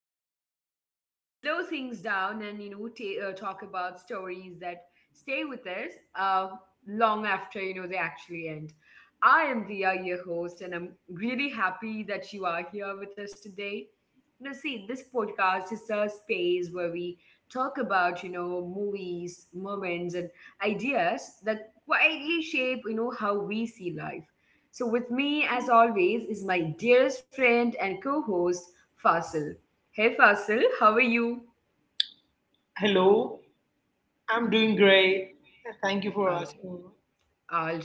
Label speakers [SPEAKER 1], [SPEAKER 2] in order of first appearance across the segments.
[SPEAKER 1] sit down, slow things down, and talk about stories that stay with us long after they actually end. I am Via, your host, and I'm really happy that you are here with us today. See, this podcast is a space where we talk about movies, moments, and ideas that quietly shape how we see life, so, with me, as always, is my dearest friend and co host, Fasil. Hey, Fasil, how are you?
[SPEAKER 2] Hello, I'm doing great. Thank you
[SPEAKER 1] All
[SPEAKER 2] for
[SPEAKER 1] right,
[SPEAKER 2] asking.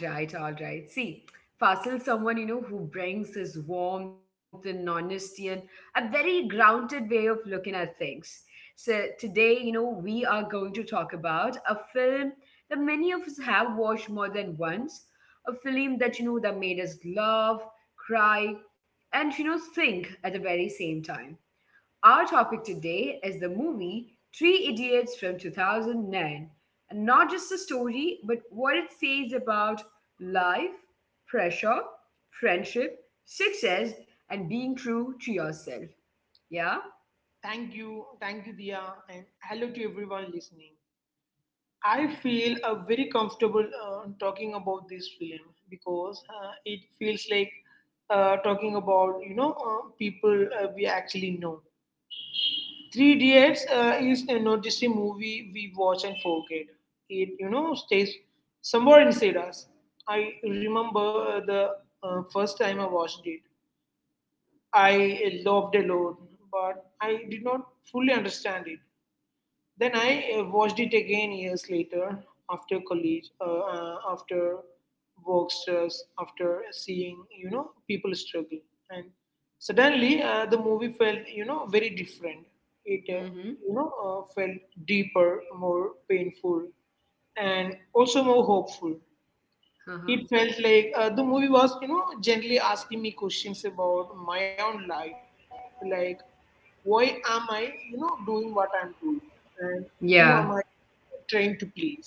[SPEAKER 1] all right, all right. See, Fasil, someone who brings his warmth and honesty and a very grounded way of looking at things. So, today, we are going to talk about a film that many of us have watched more than once, a film that made us laugh, cry, and, think at the very same time. Our topic today is the movie Three Idiots from 2009. And not just the story, but what it says about life, pressure, friendship, success, and being true to yourself. Yeah?
[SPEAKER 2] Thank you, Dia, and hello to everyone listening. I feel very comfortable talking about this film because it feels like talking about people we actually know. Three Idiots is not just a movie we watch and forget. It stays somewhere inside us. I remember the first time I watched it. I loved alone, but I did not fully understand it. Then I watched it again years later, after college, after work stress, after seeing people struggle, and suddenly the movie felt very different. It
[SPEAKER 1] Mm
[SPEAKER 2] felt deeper, more painful, and also more hopeful.
[SPEAKER 1] hmm. Uh huh.
[SPEAKER 2] It felt like the movie was, you know, gently asking me questions about my own life, like why am I, you know, doing what I'm doing, and who am I
[SPEAKER 1] Yeah.
[SPEAKER 2] trying to please?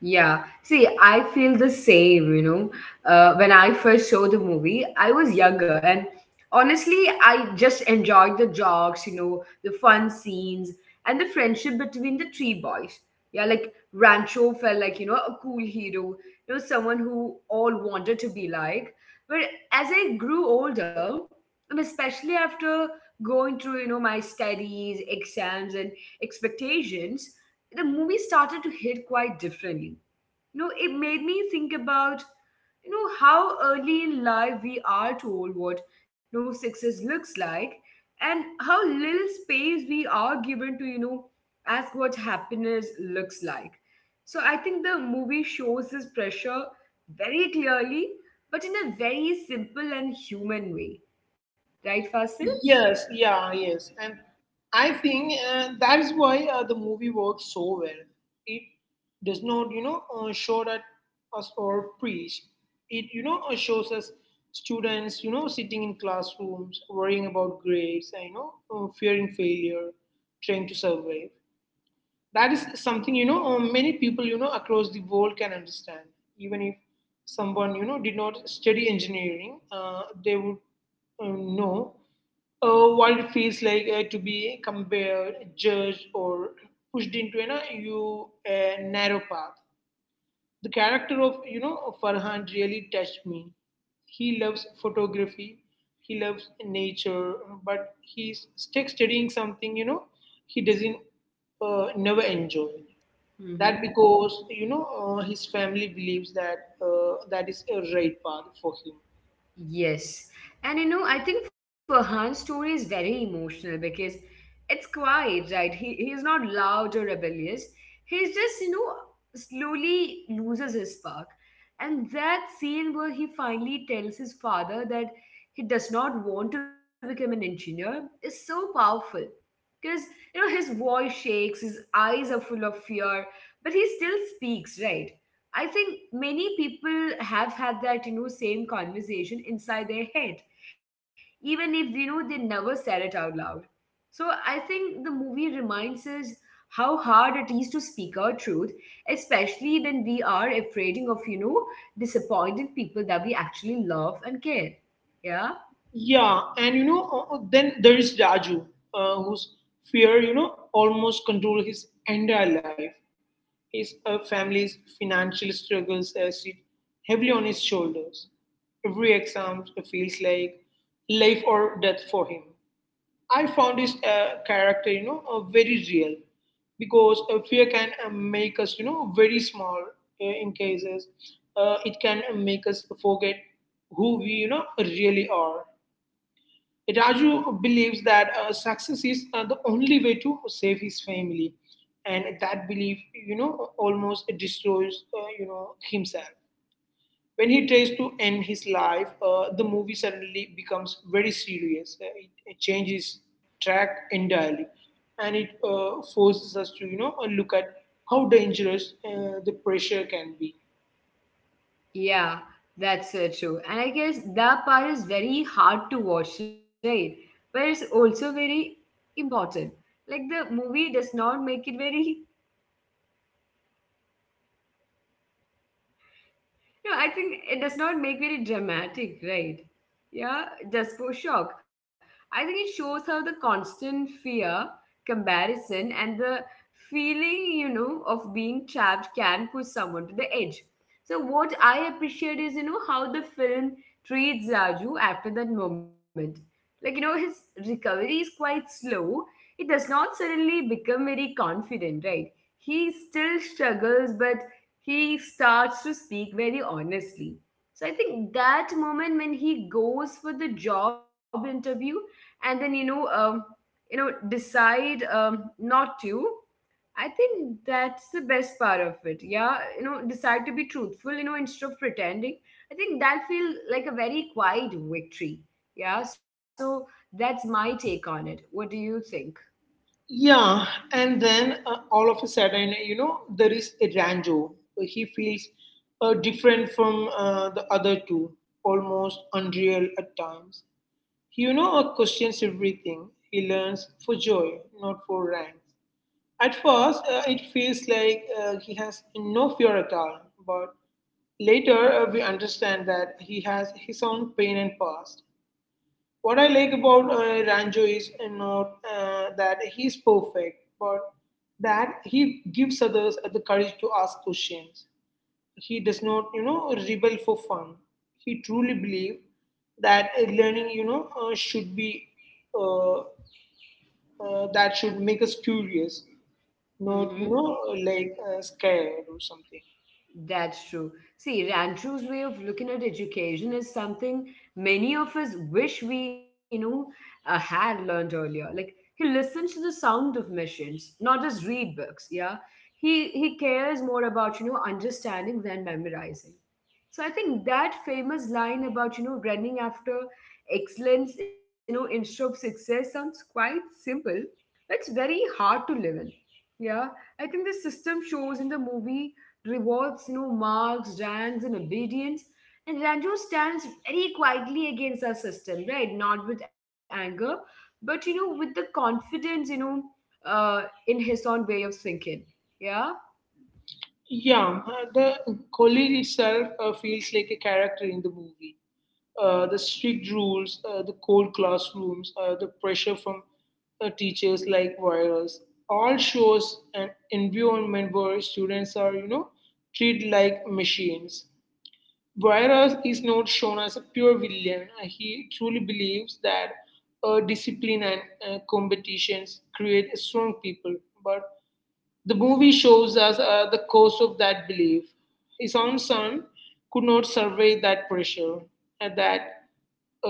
[SPEAKER 1] Yeah. See, I feel the same. When I first saw the movie, I was younger and honestly, I just enjoyed the jokes, the fun scenes and the friendship between the three boys. Yeah, like Rancho felt like, a cool hero, someone who all wanted to be like. But as I grew older, and especially after going through, my studies, exams and expectations, the movie started to hit quite differently. It made me think about, how early in life we are told what success looks like and how little space we are given to, ask what happiness looks like. So I think the movie shows this pressure very clearly, but in a very simple and human way. Right, Fasil?
[SPEAKER 2] Yes, yeah, yes. And I think that is why the movie works so well. It does not, you know, show that us or preach. It shows us students, you know, sitting in classrooms, worrying about grades, and, you know, fearing failure, trying to survive. That is something many people across the world can understand, even if someone did not study engineering. They would know what it feels like to be compared, judged, or pushed into an, you a narrow path. The character of Farhan really touched me. He loves photography. He loves nature. But he's stuck studying something he doesn't never enjoy that because his family believes that that is a right path for him.
[SPEAKER 1] Yes. And I think Farhan's story is very emotional because it's quiet, right? He is not loud or rebellious. He's just, slowly loses his spark. And that scene where he finally tells his father that he does not want to become an engineer is so powerful because his voice shakes, his eyes are full of fear, but he still speaks, right? I think many people have had that same conversation inside their head, even if they never said it out loud. So I think the movie reminds us how hard it is to speak our truth, especially when we are afraid of disappointing people that we actually love and care. Yeah.
[SPEAKER 2] Yeah, and then there is Raju, whose fear almost control his entire life. His family's financial struggles sit heavily on his shoulders. Every exam feels like life or death for him. I found his character, you know, very real because fear can make us, you know, very small in cases. It can make us forget who we, you know, really are. Raju believes that success is the only way to save his family, and that belief, you know, almost destroys, you know, himself. When he tries to end his life, the movie suddenly becomes very serious. It changes track entirely, and it forces us to, you know, look at how dangerous the pressure can be.
[SPEAKER 1] Yeah, that's true. And I guess that part is very hard to watch, right? But it's also very important. Like the movie does not make it very. No, I think it does not make very dramatic, right? Yeah, just for shock. I think it shows how the constant fear, comparison, and the feeling, of being trapped can push someone to the edge. So, what I appreciate is, how the film treats Raju after that moment. Like, his recovery is quite slow. It does not suddenly become very confident, right? He still struggles, but he starts to speak very honestly. So I think that moment when he goes for the job interview and then decide, not to, I think that's the best part of it. Yeah, decide to be truthful. Instead of pretending, I think that feels like a very quiet victory. Yeah, so that's my take on it. What do you think?
[SPEAKER 2] Yeah, and then all of a sudden, you know, there is Ranjo. He feels different from the other two, almost unreal at times. He, you know, questions everything. He learns for joy, not for ranks. At first, it feels like he has no fear at all, but later we understand that he has his own pain and past. What I like about Ranjo is not that he's perfect, but that he gives others the courage to ask questions. He does not, you know, rebel for fun. He truly believes that learning, you know, should be uh, that should make us curious, not like scared or something.
[SPEAKER 1] That's true. See, Rancho's way of looking at education is something many of us wish we, had learned earlier. Like he listens to the sound of machines, not just read books. Yeah, he cares more about understanding than memorizing. So I think that famous line about running after excellence, instead of success sounds quite simple, but it's very hard to live in. Yeah, I think the system shows in the movie rewards, marks, ranks, and obedience. And Ranju stands very quietly against our system, right? Not with anger, but with the confidence, in his own way of thinking. Yeah.
[SPEAKER 2] Yeah, the college itself feels like a character in the movie. The strict rules, the cold classrooms, the pressure from teachers like Virus all shows an environment where students are treated like machines. Virus is not shown as a pure villain. He truly believes that discipline and competitions create strong people. But the movie shows us the cost of that belief. His own son could not survive that pressure, and that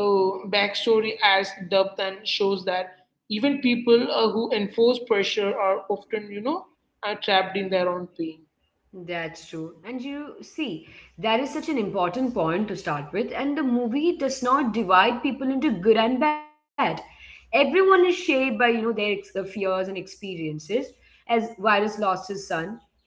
[SPEAKER 2] backstory adds depth and shows that even people who enforce pressure are often, you know, are trapped in their own pain.
[SPEAKER 1] That's true. And you see, that is such an important point to start with. And the movie does not divide people into good and bad. Everyone is shaped by, their fears and experiences. As Virus lost his son,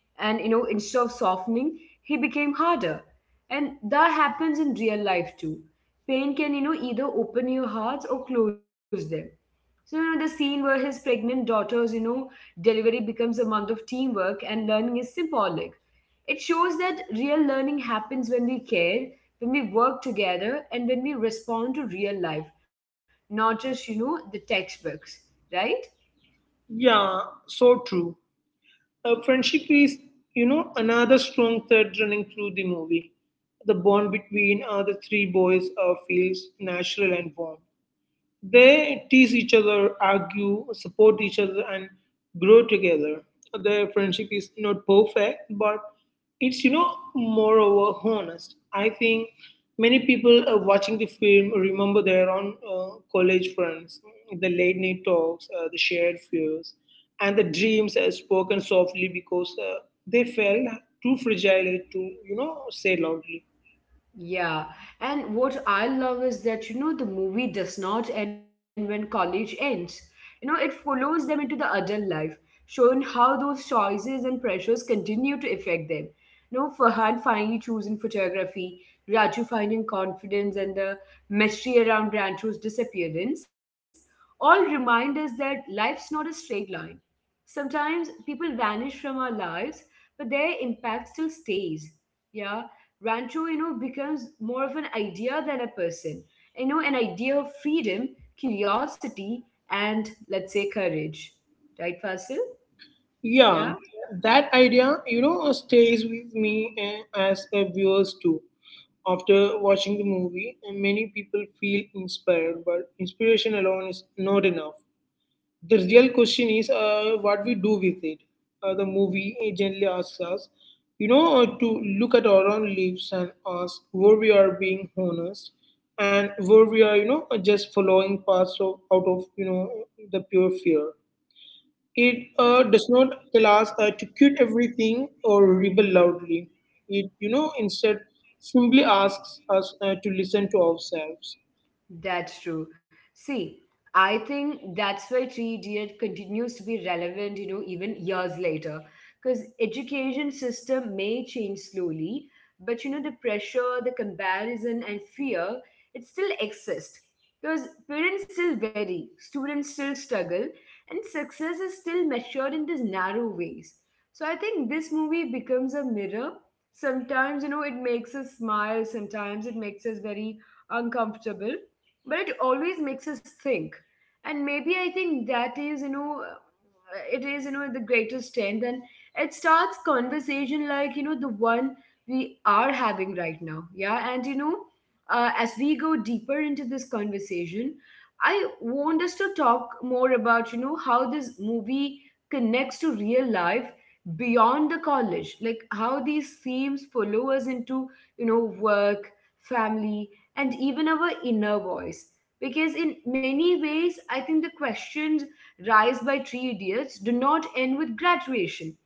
[SPEAKER 1] and instead of softening, he became harder. And that happens in real life too. Pain can, either open your hearts or close them. So, the scene where his pregnant daughter's, delivery becomes a month of teamwork and learning is symbolic. It shows that real learning happens when we care, when we work together, and when we respond to real life, not just, the textbooks, right?
[SPEAKER 2] Yeah, so true. Friendship is, you know, another strong thread running through the movie. The bond between the three boys feels natural and warm. They tease each other, argue, support each other, and grow together. Their friendship is not perfect, but it's moreover honest. I think many people watching the film remember their own college friends, the late night talks, the shared fears, and the dreams spoken softly because they felt too fragile to say loudly.
[SPEAKER 1] Yeah, and what I love is that the movie does not end when college ends. It follows them into the adult life, showing how those choices and pressures continue to affect them. Farhan finally choosing photography, Raju finding confidence, and the mystery around Rancho's disappearance all remind us that life's not a straight line. Sometimes people vanish from our lives, but their impact still stays. Yeah. Rancho, becomes more of an idea than a person. An idea of freedom, curiosity, and let's say courage. Right, Fasil? Yeah.
[SPEAKER 2] Yeah, that idea, you know, stays with me as a viewers too. After watching the movie, and many people feel inspired, but inspiration alone is not enough. The real question is what we do with it. The movie generally asks us, you know, to look at our own lives and ask where we are being honest and where we are, you know, just following paths of, out of, you know, the pure fear. It does not tell us to quit everything or rebel loudly. It, you know, instead simply asks us to listen to ourselves.
[SPEAKER 1] That's true. See, I think that's why Three Idiot continues to be relevant, even years later. Because education system may change slowly, but the pressure, the comparison, and fear, it still exists. Because parents still vary, students still struggle, and success is still measured in these narrow ways. So I think this movie becomes a mirror. Sometimes, it makes us smile, sometimes it makes us very uncomfortable, but it always makes us think. And maybe I think that is it is the greatest strength, and it starts conversation like the one we are having right now. Yeah. And as we go deeper into this conversation, I want us to talk more about how this movie connects to real life beyond the college, like how these themes follow us into you know work, family, and even our inner voice. Because in many ways, I think the questions raised by three idiots do not end with graduation.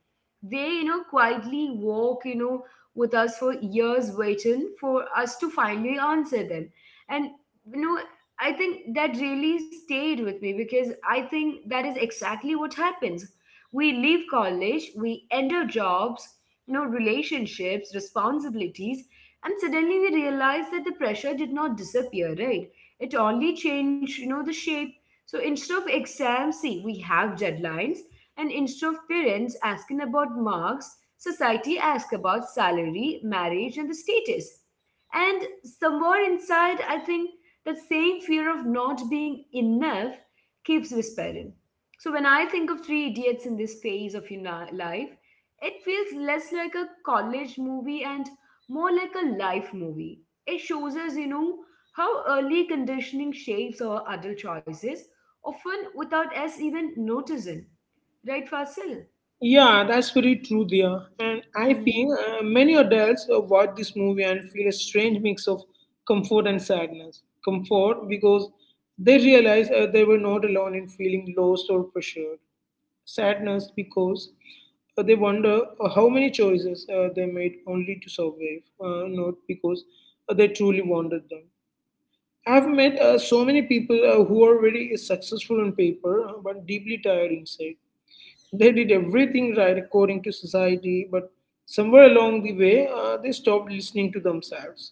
[SPEAKER 1] They, quietly walk, with us for years, waiting for us to finally answer them. And, you know, I think that really stayed with me because I think that is exactly what happens. We leave college, we enter jobs, relationships, responsibilities, and suddenly we realized that the pressure did not disappear, right? It only changed the shape. So instead of exams, see, we have deadlines, and instead of parents asking about marks, society asks about salary, marriage, and the status. And somewhere inside, I think that same fear of not being enough keeps whispering. So when I think of three idiots in this phase of life, it feels less like a college movie and more like a life movie. It shows us, how early conditioning shapes our adult choices, often without us even noticing. Right, Fasil?
[SPEAKER 2] Yeah, that's very true there. And I
[SPEAKER 1] Hmm.
[SPEAKER 2] think many adults watch this movie and feel a strange mix of comfort and sadness. Comfort because they realize they were not alone in feeling lost or pressured. Sadness because they wonder how many choices they made only to survive, not because they truly wanted them. I've met so many people who are very successful on paper but deeply tired inside. They did everything right according to society, but somewhere along the way, they stopped listening to themselves.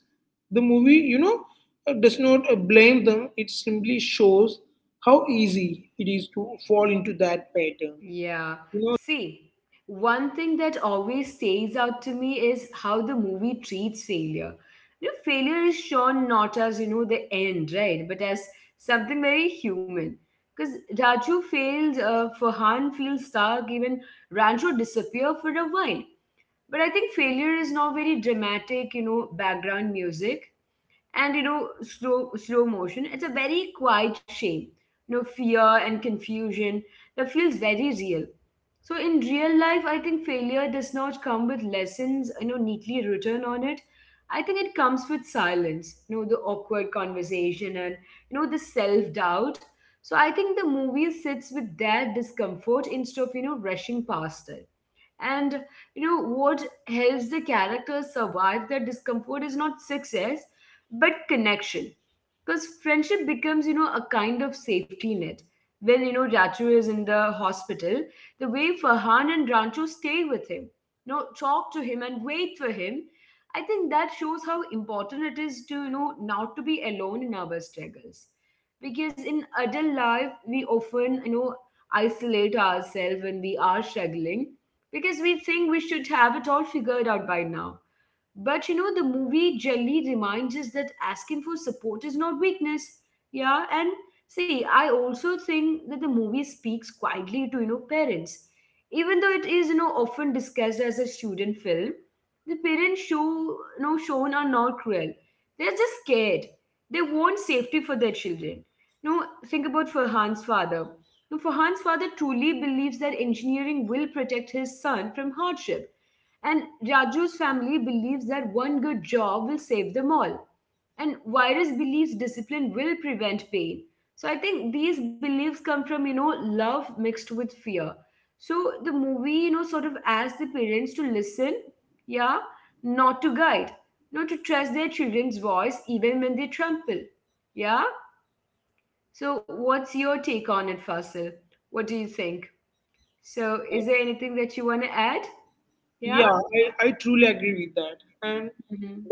[SPEAKER 2] The movie, you know, does not blame them, it simply shows how easy it is to fall into that pattern.
[SPEAKER 1] Yeah.
[SPEAKER 2] You
[SPEAKER 1] See, one thing that always stays out to me is how the movie treats failure. Failure is shown not as, the end, right? But as something very human. Because Raju fails, Farhan feels stuck, even Rancho disappear for a while. But I think failure is now very dramatic, background music, and slow motion. It's a very quiet shame, fear and confusion, that feels very real. So in real life, I think failure does not come with lessons, neatly written on it. I think it comes with silence, the awkward conversation, and the self doubt. So I think the movie sits with that discomfort instead of rushing past it. And what helps the characters survive their discomfort is not success, but connection. Because friendship becomes, a kind of safety net. When Ratu is in the hospital, the way Farhan and Rancho stay with him, talk to him and wait for him. I think that shows how important it is to, not to be alone in our struggles. Because in adult life, we often, isolate ourselves when we are struggling because we think we should have it all figured out by now. But the movie generally reminds us that asking for support is not weakness. Yeah, and see, I also think that the movie speaks quietly to parents, even though it is often discussed as a student film. The parents shown are not cruel. They're just scared. They want safety for their children. No, think about Farhan's father. No, Farhan's father truly believes that engineering will protect his son from hardship, and Raju's family believes that one good job will save them all. And Virus believes discipline will prevent pain. So I think these beliefs come from, love mixed with fear. So the movie, sort of asks the parents to listen, yeah, not to guide, not to trust their children's voice even when they trample. Yeah? So what's your take on it, Fasil? What do you think? So
[SPEAKER 2] know,
[SPEAKER 1] is there anything that you want to add? Yeah?
[SPEAKER 2] Yeah, I truly agree with that. And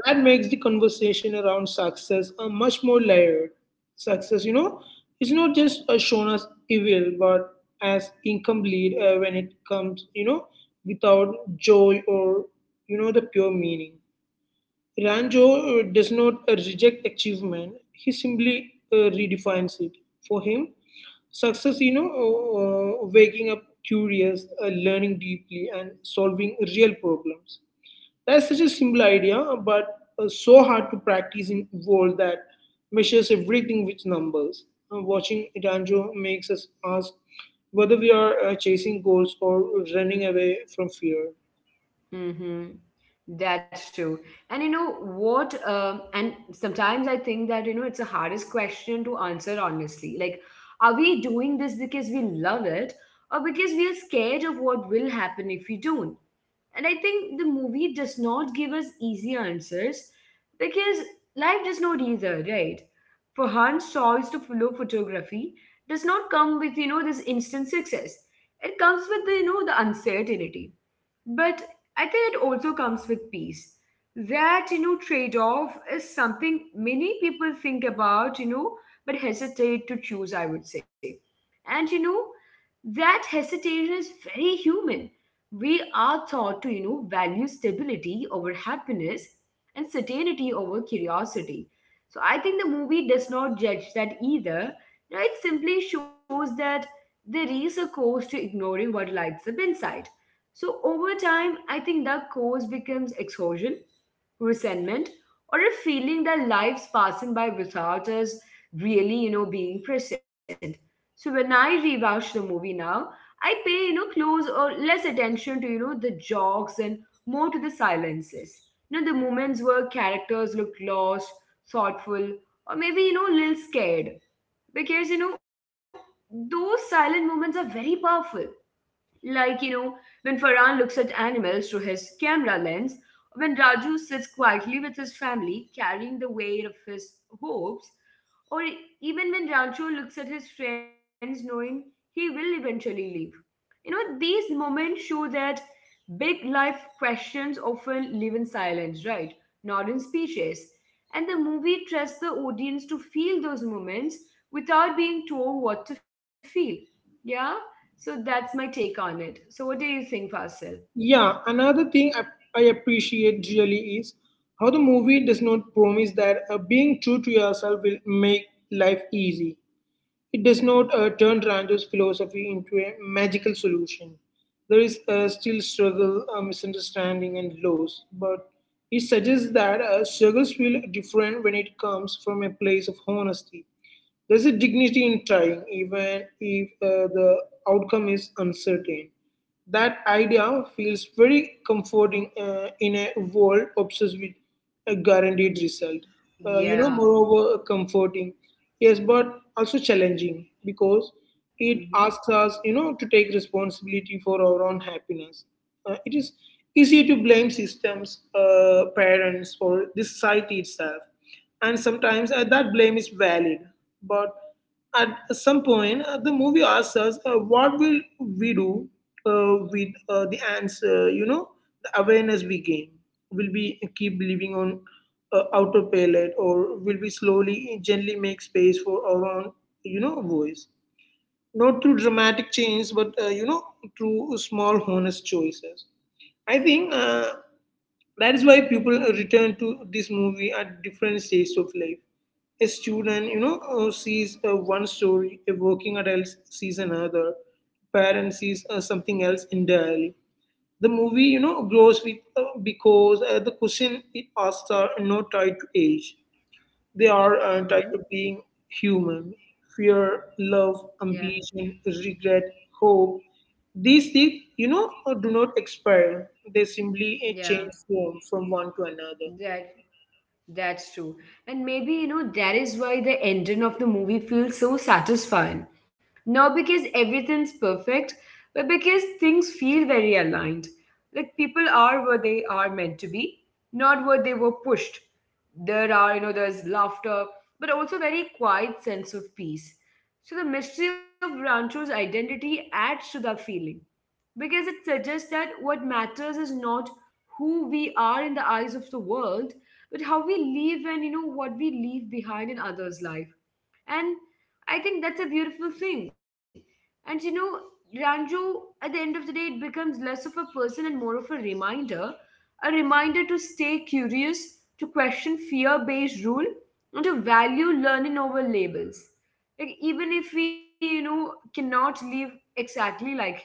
[SPEAKER 2] that makes the conversation around success much more layered. Success, you know, is not just shown as evil, but as incomplete when it comes, you know, without joy or, you know, the pure meaning. Ranjo does not reject achievement, he simply redefines it. For him, success, you know, waking up curious, learning deeply, and solving real problems, that's such a simple idea, but so hard to practice in world that measures everything with numbers. Watching Itanjo makes us ask whether we are chasing goals or running away from fear.
[SPEAKER 1] Mm-hmm. That's true. And you know what? And sometimes I think that, it's the hardest question to answer honestly. Like, are we doing this because we love it, or because we are scared of what will happen if we don't? And I think the movie does not give us easy answers because life does not either, right? For Han's choice to follow photography does not come with, this instant success. It comes with, the uncertainty, but I think it also comes with peace. That trade off is something many people think about, but hesitate to choose, I would say. And, that hesitation is very human. We are taught to, value stability over happiness and certainty over curiosity. So I think the movie does not judge that either. It simply shows that there is a cost to ignoring what lights up inside. So over time, I think the cause becomes exhaustion, resentment, or a feeling that life's passing by without us really, being present. So when I rewatch the movie now, I pay, close or less attention to, the jokes and more to the silences. The moments where characters look lost, thoughtful, or maybe, a little scared. Because, those silent moments are very powerful, like when Farhan looks at animals through his camera lens, when Raju sits quietly with his family, carrying the weight of his hopes, or even when Rancho looks at his friends knowing he will eventually leave. These moments show that big life questions often live in silence, right? Not in speeches. And the movie trusts the audience to feel those moments without being told what to feel. Yeah? So that's my take on it. So what do you think, Fasil?
[SPEAKER 2] Yeah, another thing I appreciate really is how the movie does not promise that being true to yourself will make life easy. It does not turn Ranjo's philosophy into a magical solution. There is still struggle, misunderstanding, and loss, but it suggests that struggles feel different when it comes from a place of honesty. There's a dignity in trying, even if the outcome is uncertain. That idea feels very comforting in a world obsessed with a guaranteed result. Uh, you know,
[SPEAKER 1] Yeah.
[SPEAKER 2] moreover, comforting, yes, but also challenging because it
[SPEAKER 1] Mm-hmm.
[SPEAKER 2] asks us, you know, to take responsibility for our own happiness. It is easy to blame systems, parents, or the society itself, and sometimes that blame is valid, but at some point, the movie asks us, what will we do with the answer? The awareness we gain. Will we keep living on autopilot, or will we slowly, gently make space for our own, you know, voice? Not through dramatic change, but through small, honest choices. I think. That is why people return to this movie at different stages of life. A student, you know, sees one story, a working adult sees another, parent sees something else entirely. The movie, you know, grows with, because the question it asks are not tied to age. They are
[SPEAKER 1] Mm-hmm.
[SPEAKER 2] tied to being human. Fear, love,
[SPEAKER 1] Yeah.
[SPEAKER 2] ambition, regret, hope. These things, you know, do not expire. They simply
[SPEAKER 1] Yeah.
[SPEAKER 2] change form from one to another.
[SPEAKER 1] That That's true. And maybe, that is why the ending of the movie feels so satisfying. Not because everything's perfect, but because things feel very aligned. Like people are where they are meant to be, not where they were pushed. There's laughter, but also very quiet sense of peace. So the mystery of Rancho's identity adds to that feeling because it suggests that what matters is not who we are in the eyes of the world, but how we live and what we leave behind in others life. And I think that's a beautiful thing. And Ranju, at the end of the day, it becomes less of a person and more of a reminder. A reminder to stay curious, to question fear based rule, and to value learning over labels. Like, even if we cannot live exactly like him,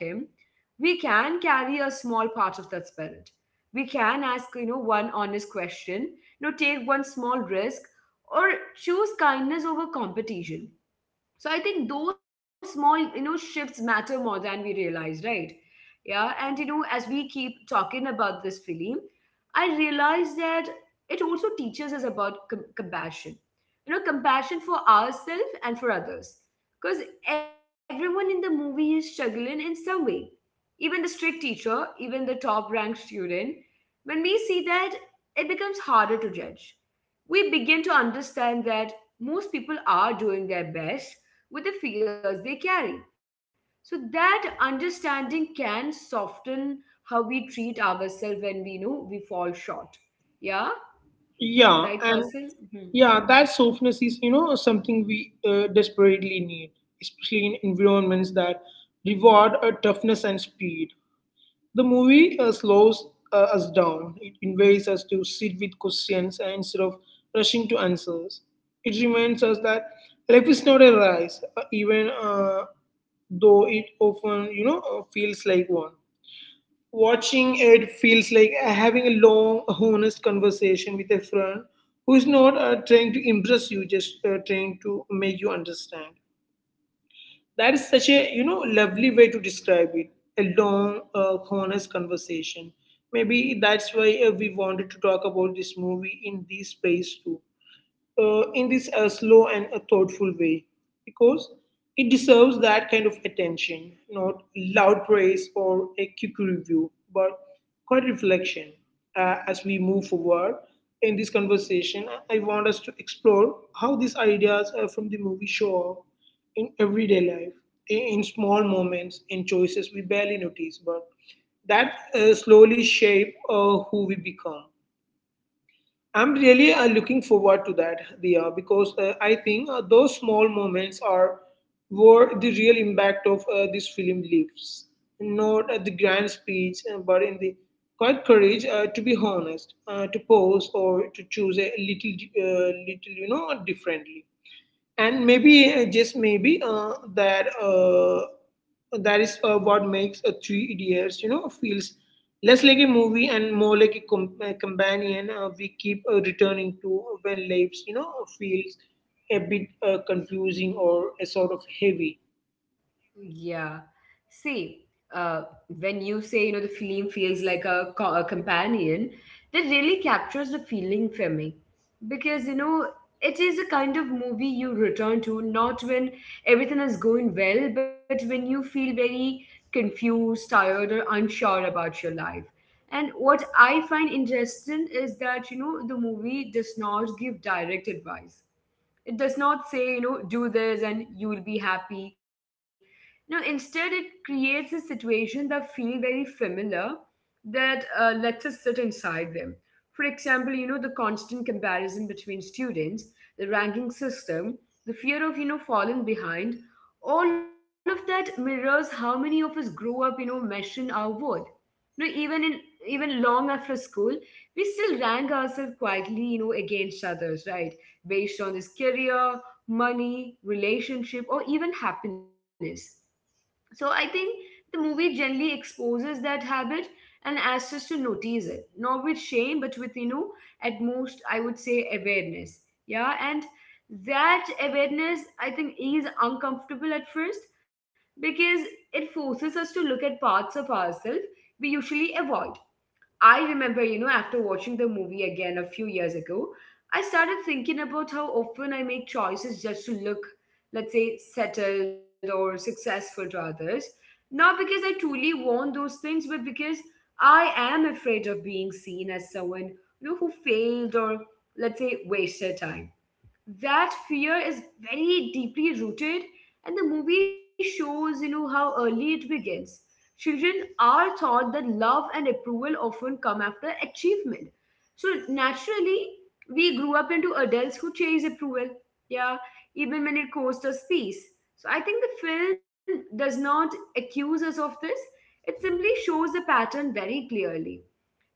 [SPEAKER 1] we can carry a small part of that spirit. We can ask, one honest question, take one small risk, or choose kindness over competition. So I think those small, shifts matter more than we realize, right? Yeah, and as we keep talking about this film, I realize that it also teaches us about compassion. Compassion for ourselves and for others, because everyone in the movie is struggling in some way. Even the strict teacher, even the top-ranked student. When we see that, it becomes harder to judge. We begin to understand that most people are doing their best with the fears they carry. So that understanding can soften how we treat ourselves when we know we fall short. Yeah,
[SPEAKER 2] Yeah, and
[SPEAKER 1] right, Fasil?
[SPEAKER 2] yeah,
[SPEAKER 1] Mhm.
[SPEAKER 2] that softness is, you know, something we desperately need, especially in environments that reward toughness and speed. The movie slows us down. It invites us to sit with questions and instead of rushing to answers. It reminds us that life is not a race, even though it often, you know, feels like one. Watching it feels like having a long, honest conversation with a friend who is not trying to impress you, just trying to make you understand. That is such a lovely way to describe it. A long, honest conversation. Maybe that's why we wanted to talk about this movie in this space too, in this slow and a thoughtful way because it deserves that kind of attention, not loud praise or a quick review, but quite reflection. As we move forward in this conversation, I want us to explore how these ideas from the movie show up in everyday life, in small moments, in choices we barely notice, but that slowly shape who we become. I'm really looking forward to that, Dia, because I think those small moments are where the real impact of this film lives. Not at the grand speech, but in the quiet courage to be honest, to pause, or to choose a little, differently. And maybe just maybe that is what makes a three idiots feels less like a movie and more like a, a companion we keep returning to when lives feels a bit confusing or a sort of heavy.
[SPEAKER 1] Yeah. See, when you say, the film feels like a companion, that really captures the feeling for me. Because, it is a kind of movie you return to, not when everything is going well, but when you feel very confused, tired, or unsure about your life. And what I find interesting is that, the movie does not give direct advice. It does not say, do this and you will be happy. No, instead, it creates a situation that feel very familiar, that lets us sit inside them. For example, the constant comparison between students, the ranking system, the fear of, falling behind, all of that mirrors how many of us grow up, measuring our worth. You know, even in even long after school, we still rank ourselves quietly, against others, right? Based on this career, money, relationship, or even happiness. So I think the movie generally exposes that habit and asks us to notice it, not with shame, but with, at most, I would say awareness. Yeah, and that awareness, I think, is uncomfortable at first because it forces us to look at parts of ourselves we usually avoid. I remember, after watching the movie again a few years ago, I started thinking about how often I make choices just to look, let's say, settled or successful to others. Not because I truly want those things, but because I am afraid of being seen as someone, who failed or, let's say, wasted time. That fear is very deeply rooted, and the movie shows how early it begins. Children are taught that love and approval often come after achievement, so naturally we grew up into adults who chase approval, yeah, even when it costs us peace. So I think the film does not accuse us of this. It simply shows the pattern very clearly.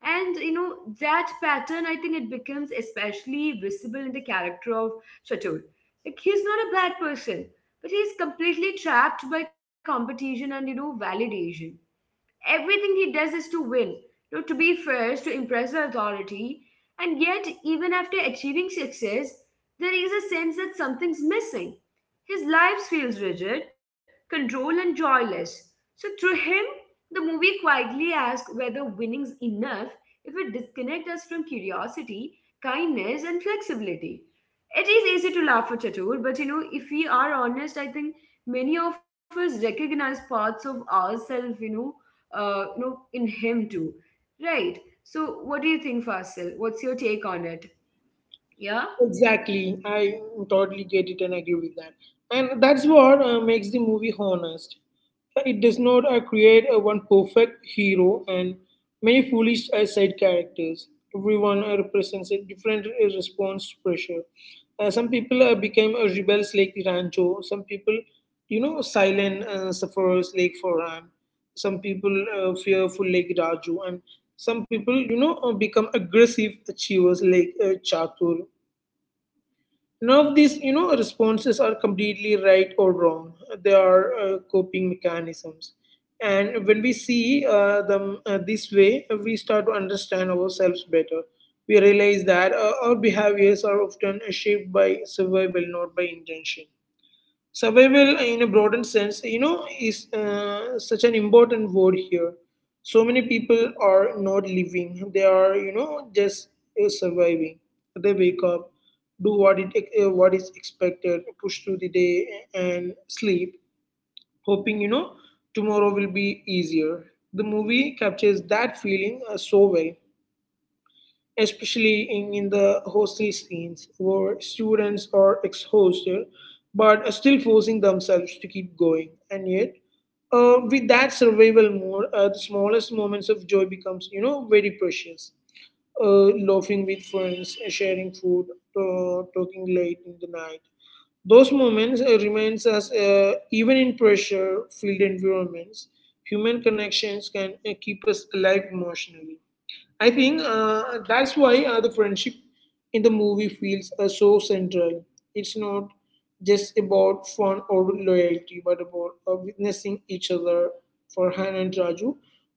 [SPEAKER 1] And that pattern, I think it becomes especially visible in the character of Chatur. Like, he's not a bad person, but he's completely trapped by competition and, validation. Everything he does is to win, to be first, to impress the authority. And yet, even after achieving success, there is a sense that something's missing. His life feels rigid, controlled, and joyless. So, through him, the movie quietly asks whether winning's enough if it disconnects us from curiosity, kindness, and flexibility. It is easy to laugh at Chatur, but if we are honest, I think many of us recognize parts of ourselves, in him too, right? So, what do you think, Fasil? What's your take on it? Yeah.
[SPEAKER 2] Exactly. I totally get it and agree with that. And that's what makes the movie honest. It does not create one perfect hero and many foolish side characters. Everyone represents a different response to pressure. Some people became rebels like Rancho. Some people, you know, silent sufferers like Farhan. Some people fearful like Raju. And some people, you know, become aggressive achievers like Chatur. None of these, you know, responses are completely right or wrong. They are coping mechanisms, and when we see them this way, we start to understand ourselves better. We realize that our behaviors are often shaped by survival, not by intention. Survival in a broader sense, you know, is such an important word here. So many people are not living, they are, you know, just surviving. They wake up, do what it, what is expected, push through the day, and sleep, hoping, you know, tomorrow will be easier. The movie captures that feeling so well, especially in the hostel scenes where students are exhausted but are still forcing themselves to keep going. And yet with that survival mode, the smallest moments of joy becomes, you know, very precious. Laughing with friends, sharing food, talking late in the night. Those moments remains us even in pressure filled environments, human connections can keep us alive emotionally. I think that's why the friendship in the movie feels so central. It's not just about fun or loyalty, but about witnessing each other. For Han and Raju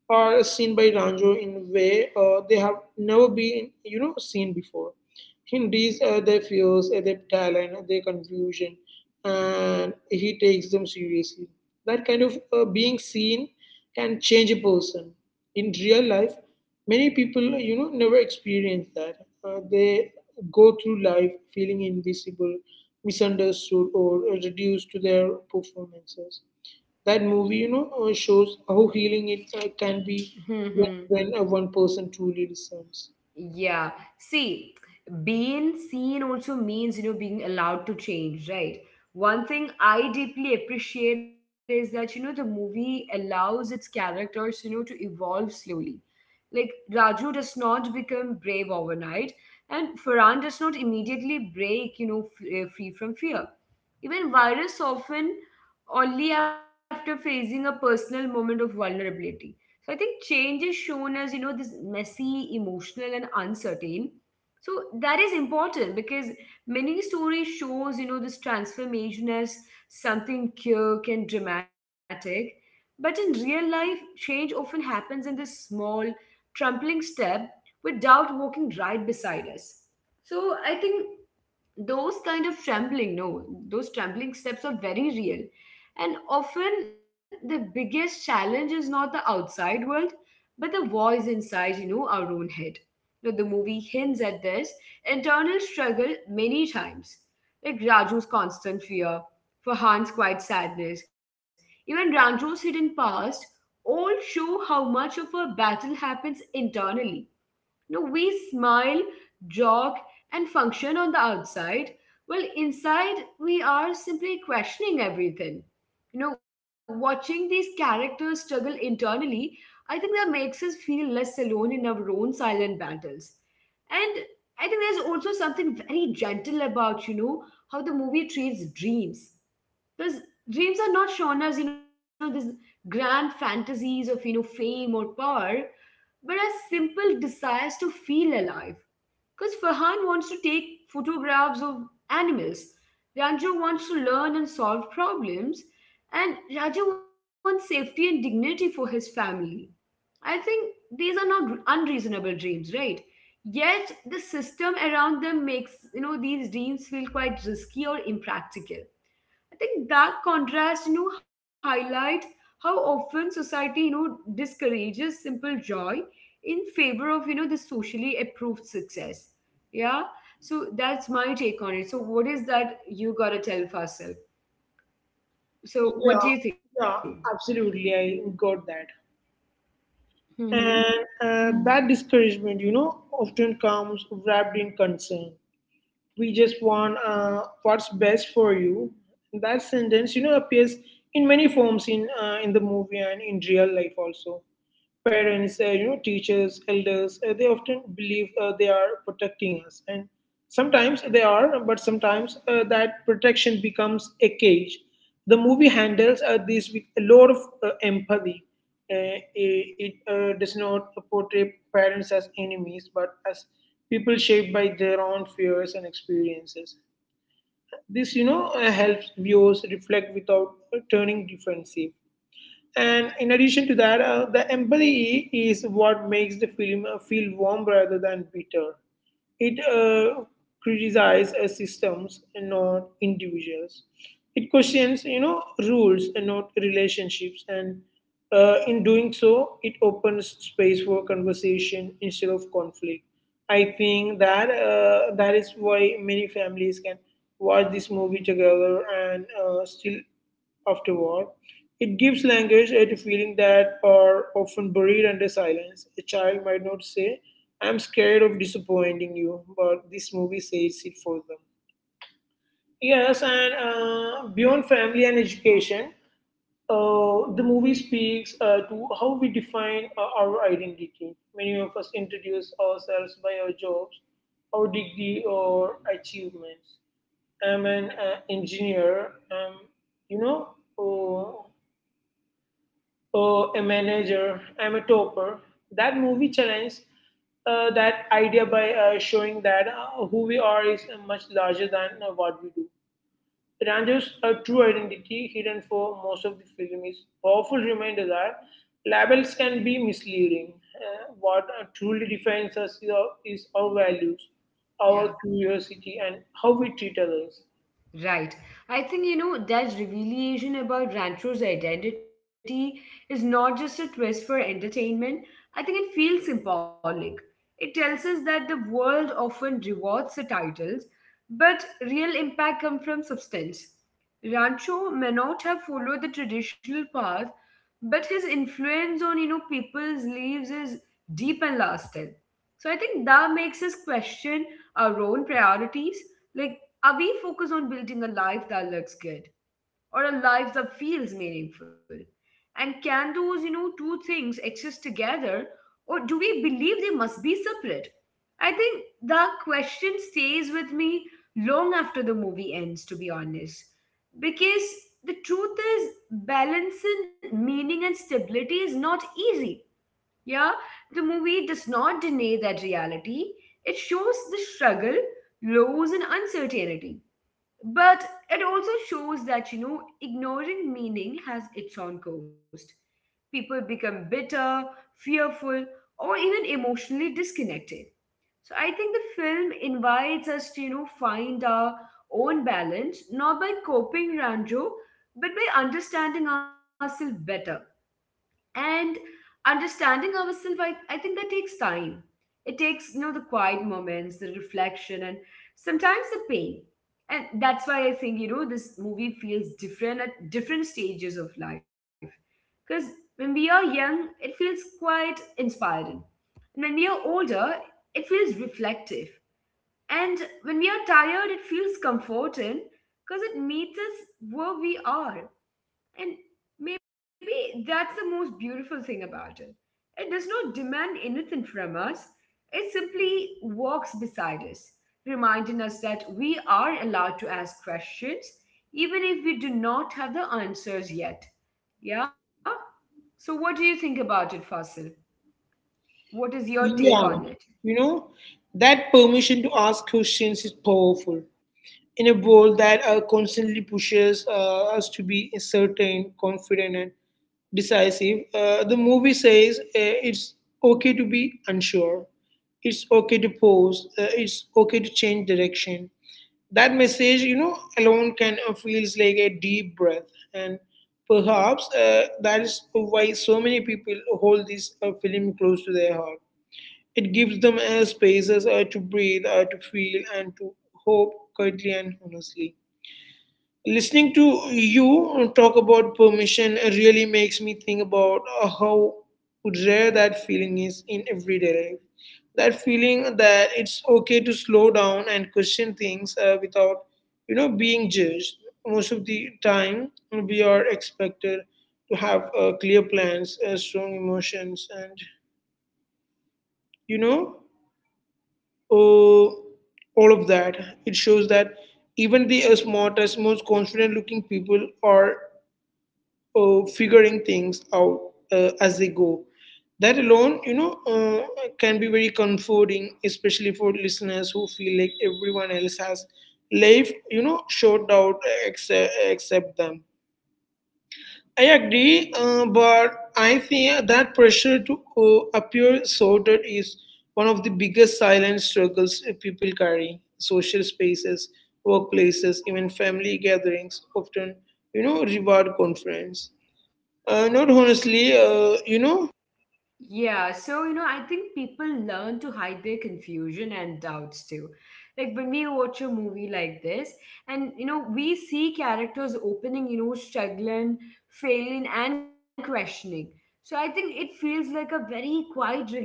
[SPEAKER 2] are seen by Ranjo in a way they have never been, you know, seen before. He reads their fears, their talent, their confusion, and he takes them seriously. That kind of being seen can change a person. In real life, many people, you know, never experience that. They go through life feeling invisible, misunderstood, or reduced to their performances. That movie, you know, shows how healing it can be when,
[SPEAKER 1] Hmm.
[SPEAKER 2] when one person truly listens.
[SPEAKER 1] Yeah. See, being seen also means, being allowed to change, right? One thing I deeply appreciate is that, the movie allows its characters, to evolve slowly. Like, Raju does not become brave overnight, and Farhan does not immediately break, free from fear. Even Virus often only after facing a personal moment of vulnerability. So I think change is shown as, this messy, emotional, and uncertain. So that is important because many stories shows, this transformation as something quick and dramatic. But in real life, change often happens in this small, trampling step without walking right beside us. So I think those kind of trampling, no, those trampling steps are very real, and often the biggest challenge is not the outside world, but the voice inside, our own head. Now, the movie hints at this internal struggle many times, like Raju's constant fear, Farhan's quiet sadness, even Ranjo's hidden past, all show how much of a battle happens internally. No, we smile, jog, and function on the outside, while inside we are simply questioning everything. Watching these characters struggle internally, I think that makes us feel less alone in our own silent battles. And I think there's also something very gentle about, how the movie treats dreams. Because dreams are not shown as, these grand fantasies of, fame or power, but as simple desires to feel alive. Because Farhan wants to take photographs of animals, Ranju wants to learn and solve problems, and Raja wants safety and dignity for his family. I think these are not unreasonable dreams, right? Yet the system around them makes these dreams feel quite risky or impractical. I think that contrast, highlight how often society, discourages simple joy in favor of, the socially approved success. Yeah. So that's my take on it. So what is that you gotta tell Faisal? So what
[SPEAKER 2] Yeah,
[SPEAKER 1] do you think?
[SPEAKER 2] yeah, absolutely, I got that.
[SPEAKER 1] Mm-hmm.
[SPEAKER 2] And that discouragement, you know, often comes wrapped in concern. We just want what's best for you. That sentence, you know, appears in many forms in in the movie and in real life also. Parents, you know, teachers, elders, they often believe they are protecting us, and sometimes they are, but sometimes that protection becomes a cage. The movie handles this with a lot of empathy. It does not portray parents as enemies, but as people shaped by their own fears and experiences. This, you know, helps viewers reflect without turning defensive. And in addition to that, the empathy is what makes the film feel warm rather than bitter. It criticizes systems and not individuals. It questions, you know, rules and not relationships. And in doing so, it opens space for conversation instead of conflict. I think that that is why many families can watch this movie together and still afterward. It gives language at a feeling that are often buried under silence. A child might not say I'm scared of disappointing you, but this movie says it for them. Yes, and beyond family and education, the movie speaks to how we define our identity. Many of us introduce ourselves by our jobs, our degree, or achievements. I'm an engineer. You know, uh, oh, a manager, I'm a topper. That movie challenged that idea by showing that who we are is much larger than what we do. Ranjo's true identity, hidden for most of the film, is a powerful reminder that labels can be misleading. What truly defines us is is our values, our curiosity, and how we treat others.
[SPEAKER 1] Right. I think, that revelation about Rancho's identity is not just a twist for entertainment. I think it feels symbolic. It tells us that the world often rewards the titles, but real impact comes from substance. Rancho may not have followed the traditional path, but his influence on, people's lives is deep and lasting. So I think that makes us question our own priorities. Like, are we focused on building a life that looks good or a life that feels meaningful? And can those, two things exist together or do we believe they must be separate? I think that question stays with me long after the movie ends, to be honest. Because the truth is, balancing meaning and stability is not easy. Yeah, the movie does not deny that reality, it shows the struggle, lows, and uncertainty. But it also shows that, ignoring meaning has its own cost. People become bitter, fearful, or even emotionally disconnected. So I think the film invites us to, find our own balance, not by copying Ranjo, but by understanding ourselves better and understanding ourselves I think that takes time. It takes the quiet moments, the reflection, and sometimes the pain. And that's why I think this movie feels different at different stages of life. Because when we are young it feels quite inspiring, and when we are older it feels reflective, and when we are tired it feels comforting, because it meets us where we are. And maybe that's the most beautiful thing about it. It does not demand anything from us, it simply walks beside us, reminding us that we are allowed to ask questions even if we do not have the answers yet. Yeah? So, what do you think about it, Fasil? What is your take
[SPEAKER 2] Yeah,
[SPEAKER 1] on it?
[SPEAKER 2] you know, that permission to ask questions is powerful. In a world that constantly pushes us to be certain, confident, and decisive, the movie says it's okay to be unsure, it's okay to pause, it's okay to change direction. That message, you know, alone can feels like a deep breath, and perhaps that is why so many people hold this film close to their heart. It gives them spaces to breathe, to feel, and to hope quietly and honestly. Listening to you talk about permission really makes me think about how rare that feeling is in everyday life. That feeling that it's okay to slow down and question things without, you know, being judged. Most of the time, we are expected to have clear plans, strong emotions, and you know, uh, all of that. It shows that even the smartest, most confident-looking people are figuring things out as they go. That alone, you know, can be very comforting, especially for listeners who feel like everyone else has life, you know, short out, except them. I agree, but I think that pressure to appear sorted is one of the biggest silent struggles people carry. Social spaces, workplaces, even family gatherings often, you know, reward conference. Not honestly, you know,
[SPEAKER 1] Yeah, so I think people learn to hide their confusion and doubts too. Like when we watch a movie like this, and we see characters opening, struggling, failing, and questioning. So I think it feels like a very quiet relief.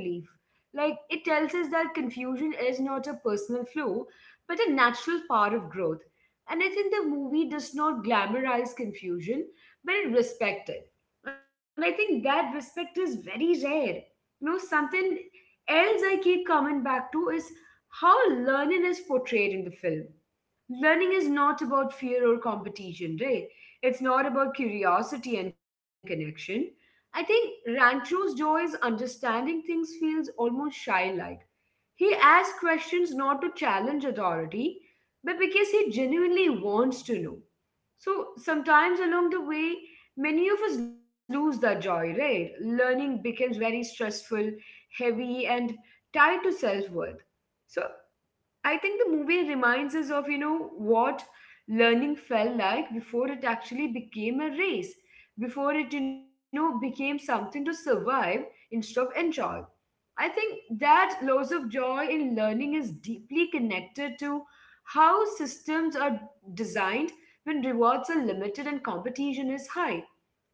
[SPEAKER 1] Like it tells us that confusion is not a personal flaw, but a natural part of growth. And I think the movie does not glamorize confusion, but it respects it, and I think that respect is very rare. You know, something else I keep coming back to is how learning is portrayed in the film. Learning is not about fear or competition, right? It's not about curiosity and connection. I think Rancho's joy is understanding things feels almost childlike. He asks questions not to challenge authority, but because he genuinely wants to know. So sometimes along the way, many of us lose that joy, right? Learning becomes very stressful, heavy, and tied to self worth. So I think the movie reminds us of, what learning felt like before it actually became a race, before it, became something to survive instead of enjoy. I think that loss of joy in learning is deeply connected to how systems are designed when rewards are limited and competition is high.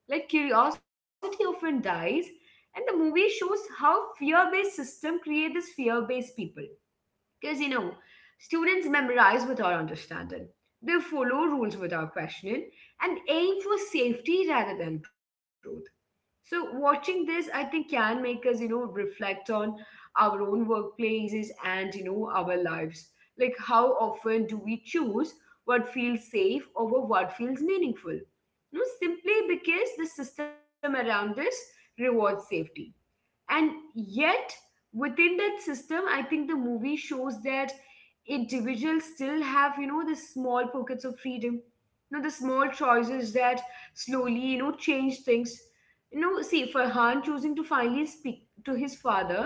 [SPEAKER 1] Like curiosity often dies, and the movie shows how fear based systems create this fear based people. Because students memorize without understanding, they follow rules without questioning, and aim for safety rather than growth. So, watching this, I think, can make us, reflect on our own workplaces and, our lives. Like, how often do we choose what feels safe over what feels meaningful? You know, simply because the system around us rewards safety. And yet within that system, I think the movie shows that individuals still have the small pockets of freedom, the small choices that slowly change things. You know, see Farhan choosing to finally speak to his father,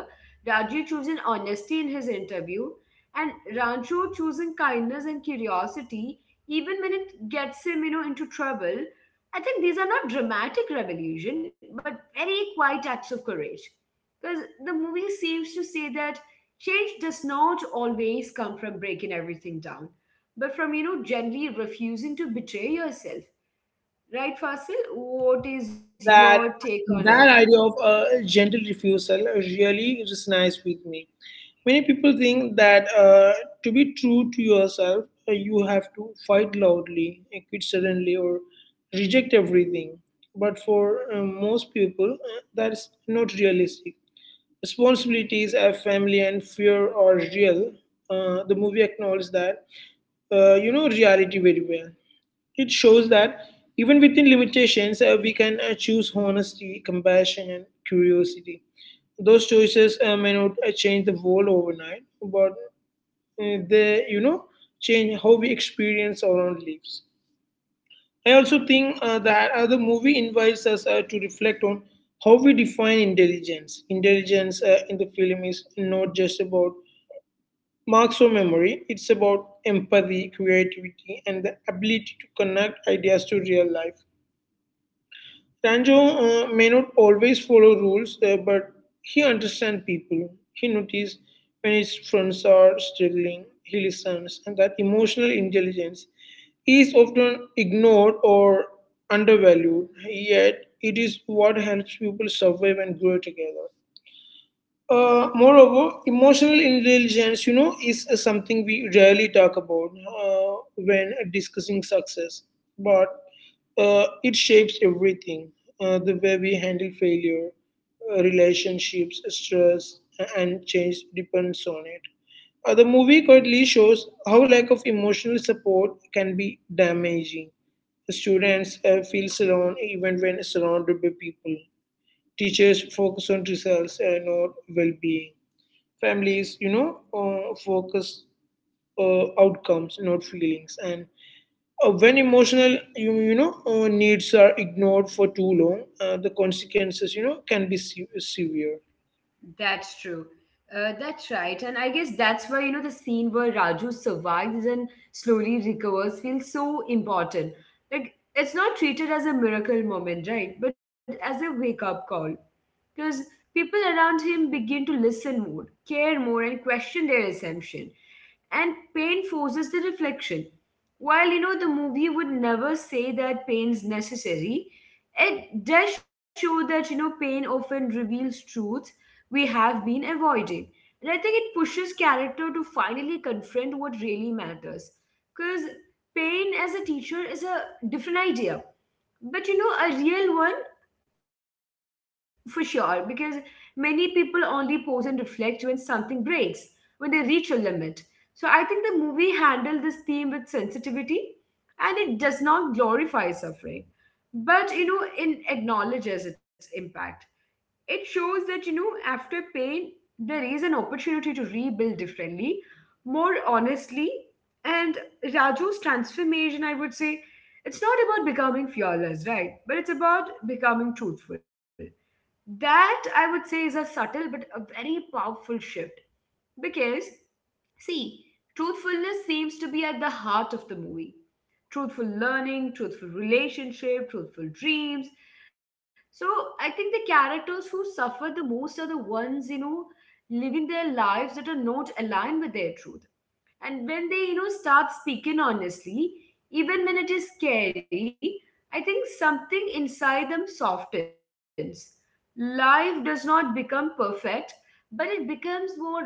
[SPEAKER 1] Raju choosing honesty in his interview, and Rancho choosing kindness and curiosity even when it gets him into trouble. I think these are not dramatic revolution but very quiet acts of courage, because the movie seems to say that change does not always come from breaking everything down, but from, gently refusing to betray yourself. Right, Fasil? What is your
[SPEAKER 2] that
[SPEAKER 1] take on it?
[SPEAKER 2] that idea of a gentle refusal really resonates with me. Many people think that to be true to yourself, you have to fight loudly, quit suddenly, or reject everything. But for most people, that's not realistic. Responsibilities, family, and fear are real. The movie acknowledges that, you know, reality very well. It shows that even within limitations, we can choose honesty, compassion, and curiosity. Those choices may not change the world overnight, but they, you know, change how we experience our own lives. I also think that the movie invites us to reflect on how we define intelligence. Intelligence in the film is not just about marks or memory, it's about empathy, creativity, and the ability to connect ideas to real life. Ranjo may not always follow rules, but he understands people. He notices when his friends are struggling, he listens, and that emotional intelligence is often ignored or undervalued. Yet, it is what helps people survive and grow together. Moreover, emotional intelligence, you know, is something we rarely talk about when discussing success, but it shapes everything. The way we handle failure, relationships, stress, and change depends on it. The movie quietly shows how lack of emotional support can be damaging. Students feel alone even when surrounded by people. Teachers focus on results and not well-being, families, you know, focus outcomes not feelings. And when emotional you know needs are ignored for too long, the consequences, you know, can be severe.
[SPEAKER 1] That's true. That's right. And I guess that's why, the scene where Raju survives and slowly recovers feels so important. Like, it's not treated as a miracle moment, right? But as a wake up call. Because people around him begin to listen more, care more, and question their assumption. And pain forces the reflection. While the movie would never say that pain's necessary, it does show that pain often reveals truths we have been avoiding. And I think it pushes character to finally confront what really matters. Because pain as a teacher is a different idea. But a real one for sure, because many people only pause and reflect when something breaks, when they reach a limit. So I think the movie handled this theme with sensitivity, and it does not glorify suffering, but it acknowledges its impact. It shows that, after pain, there is an opportunity to rebuild differently, more honestly. And Raju's transformation, I would say, it's not about becoming fearless, right? But it's about becoming truthful. That, I would say, is a subtle but a very powerful shift. Because, see, truthfulness seems to be at the heart of the movie, truthful learning, truthful relationship, truthful dreams. So I think the characters who suffer the most are the ones, living their lives that are not aligned with their truth. And when they, start speaking honestly, even when it is scary, I think something inside them softens. Life does not become perfect, but it becomes more breathable.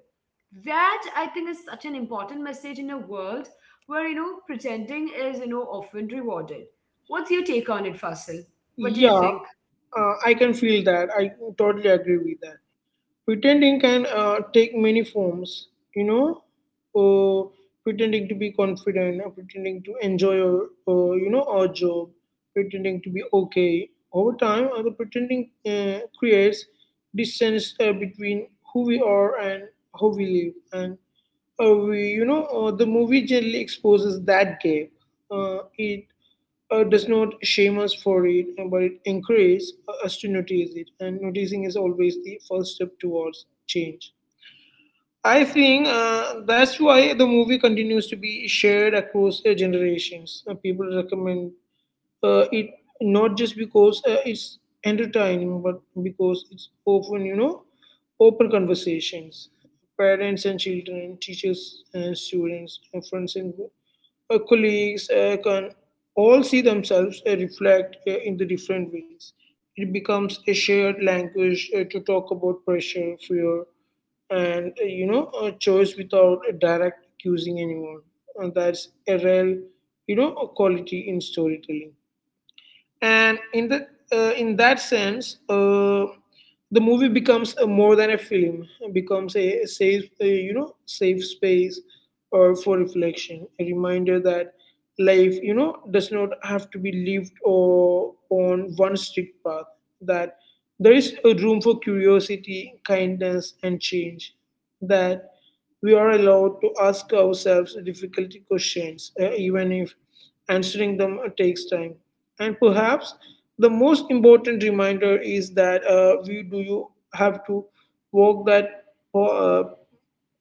[SPEAKER 1] That I think is such an important message in a world where pretending is often rewarded. What's your take on it, Fasil? What do you think?
[SPEAKER 2] Yeah, I can feel that, I totally agree with that. Pretending can take many forms, you know, uh, pretending to be confident, pretending to enjoy your, you know, our job, pretending to be okay. Over time, the pretending creates distance between who we are and how we live, and the movie generally exposes that gap. It does not shame us for it, but it encourages us to notice it. And noticing is always the first step towards change. I think that's why the movie continues to be shared across generations. People recommend it not just because it's entertaining, but because it's open, you know, open conversations. Parents and children, teachers and students, and friends and colleagues can all see themselves reflect in the different ways. It becomes a shared language to talk about pressure, fear, and a choice without a direct accusing anyone. And that's a real, quality in storytelling and in the in that sense, the movie becomes a more than a film, it becomes a safe safe space or for reflection, a reminder that life, does not have to be lived or on one strict path, that there is a room for curiosity, kindness and change, that we are allowed to ask ourselves difficult questions, even if answering them takes time, and perhaps the most important reminder is that we do you have to walk that uh,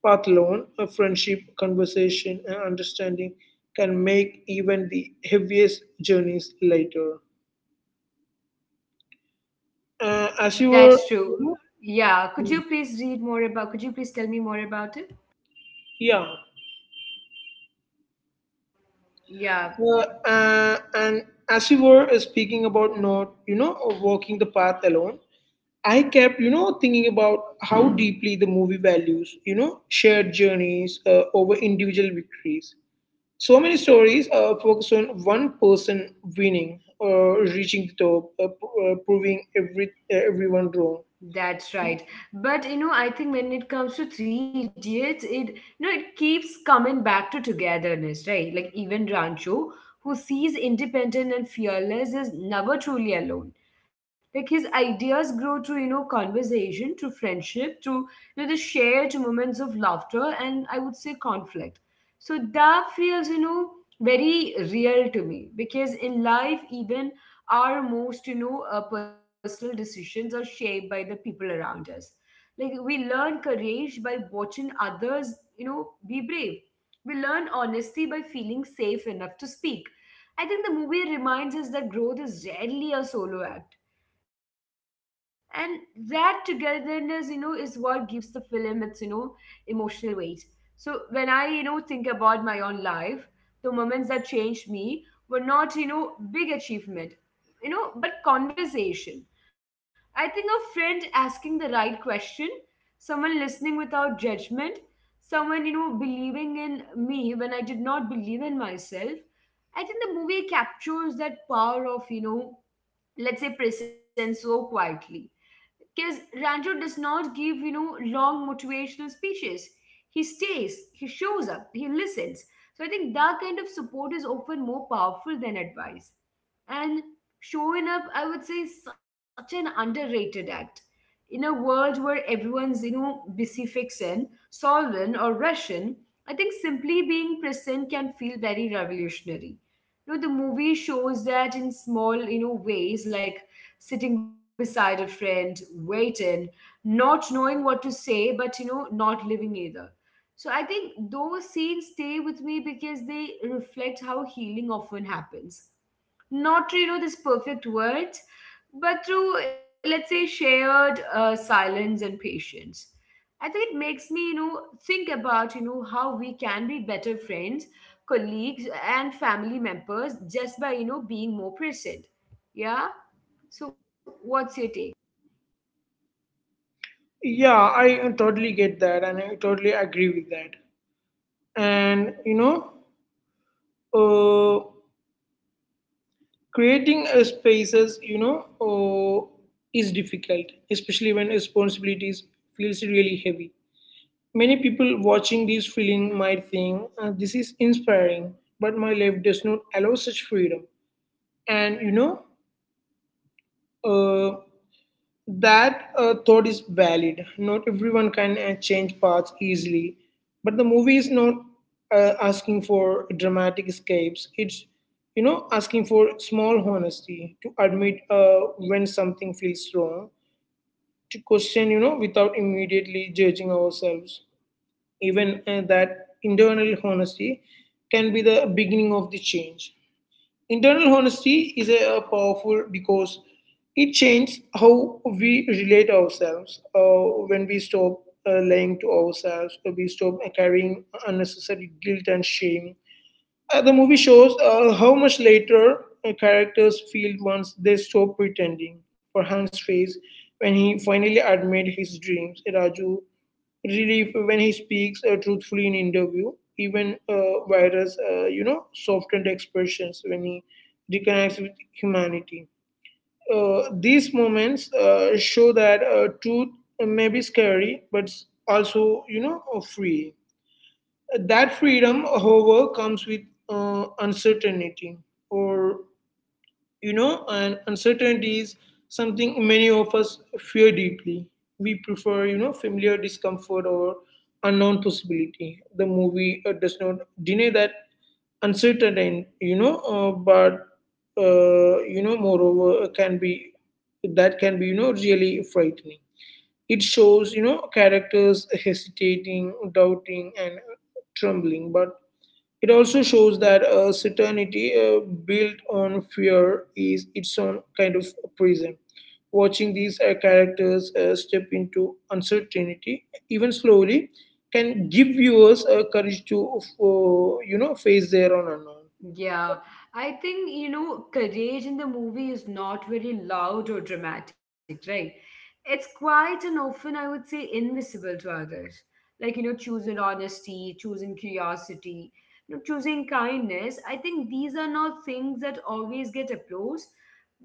[SPEAKER 2] path alone. A friendship, conversation, and understanding can make even the heaviest journeys lighter.
[SPEAKER 1] That's
[SPEAKER 2] As you
[SPEAKER 1] true.
[SPEAKER 2] were, you know,
[SPEAKER 1] Yeah, could you please read more about, could you please tell me more about it?
[SPEAKER 2] yeah,
[SPEAKER 1] Yeah.
[SPEAKER 2] and as you were speaking about not, walking the path alone, I kept, thinking about how deeply the movie values, shared journeys over individual victories. So many stories focus on one person winning or reaching the top, proving everyone wrong.
[SPEAKER 1] That's right. But I think when it comes to Three Idiots, it it keeps coming back to togetherness, right? Like even Rancho, who sees independent and fearless, is never truly alone. Like his ideas grow through conversation, through friendship, through the shared moments of laughter and I would say conflict. So that feels very real to me, because in life, even our most personal decisions are shaped by the people around us. Like we learn courage by watching others be brave, we learn honesty by feeling safe enough to speak. I think the movie reminds us that growth is rarely a solo act, and that togetherness is what gives the film its emotional weight. So when I think about my own life, the moments that changed me were not big achievement, but conversation. I think a friend asking the right question, someone listening without judgment, someone believing in me when I did not believe in myself. I think the movie captures that power of let's say present so quietly. Because Ranjo does not give long motivational speeches, he stays, he shows up, he listens. So I think that kind of support is often more powerful than advice. And showing up, I would say, is such an underrated act. In a world where everyone's, busy fixing, solving, or rushing, I think simply being present can feel very revolutionary. You know, the movie shows that in small, ways, like sitting beside a friend, waiting, not knowing what to say, but, not living either. So I think those scenes stay with me because they reflect how healing often happens not through these perfect words, but through let's say shared silence and patience. I think it makes me think about how we can be better friends, colleagues and family members just by being more present. Yeah. So what's your take?
[SPEAKER 2] Yeah, I totally get that, and I totally agree with that. And you know, uh, creating spaces, is difficult, especially when responsibilities feels really heavy. Many people watching this film might think, This is inspiring, but my life does not allow such freedom." And you know, uh, that thought is valid. Not everyone can change paths easily, but the movie is not asking for dramatic escapes. It's, you know, asking for small honesty, to admit when something feels wrong, to question, you know, without immediately judging ourselves, even that internal honesty can be the beginning of the change. Internal honesty is a powerful, because it changes how we relate ourselves, when we stop lying to ourselves, when we stop carrying unnecessary guilt and shame. The movie shows how much later characters feel once they stop pretending. For Han's face, when he finally admitted his dreams, Raju relief when he speaks truthfully in interview, even virus softened expressions when he reconnects with humanity. These moments show that truth may be scary but also, free. That freedom, however, comes with uncertainty, or, and uncertainty is something many of us fear deeply. We prefer, you know, familiar discomfort or unknown possibility. The movie does not deny that uncertainty, but, moreover, can be that can be, you know, really frightening. It shows, you know, characters hesitating, doubting, and trembling, but it also shows that certainty built on fear is its own kind of prison. Watching these characters step into uncertainty, even slowly, can give viewers courage to, you know, face their own unknown.
[SPEAKER 1] Yeah, I think, courage in the movie is not very loud or dramatic, right? It's quiet and often, I would say, invisible to others. Like, choosing honesty, choosing curiosity, choosing kindness. I think these are not things that always get applause,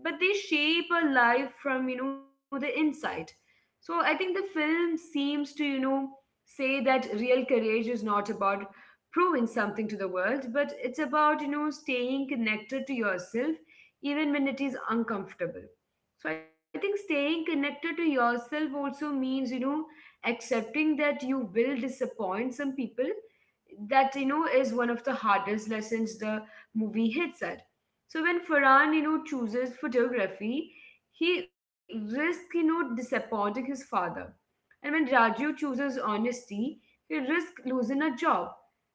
[SPEAKER 1] but they shape a life from, the inside. So I think the film seems to, say that real courage is not about proving something to the world, but it's about, staying connected to yourself even when it is uncomfortable. So I think staying connected to yourself also means, accepting that you will disappoint some people. That, is one of the hardest lessons the movie hits at. So when Farhan, chooses photography, he risks, disappointing his father. And when Raju chooses honesty, he risks losing a job.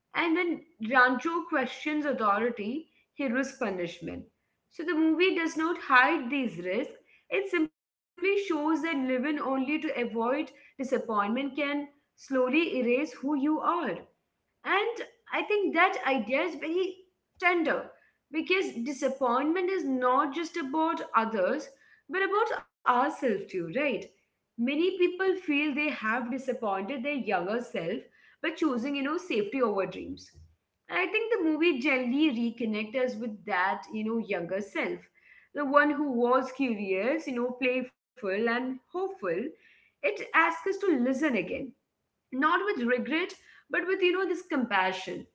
[SPEAKER 1] And when Rancho questions authority, he risks punishment. So the movie does not hide these risks, it simply shows that living only to avoid disappointment can slowly erase who you are. And I think that idea is very tender because disappointment is not just about others, but about ourselves too, right? Many people feel they have disappointed their younger self by choosing, safety over dreams. And I think the movie generally reconnects us with that, younger self. The one who was curious, playful and hopeful. It asks us to listen again, not with regret but with this compassion.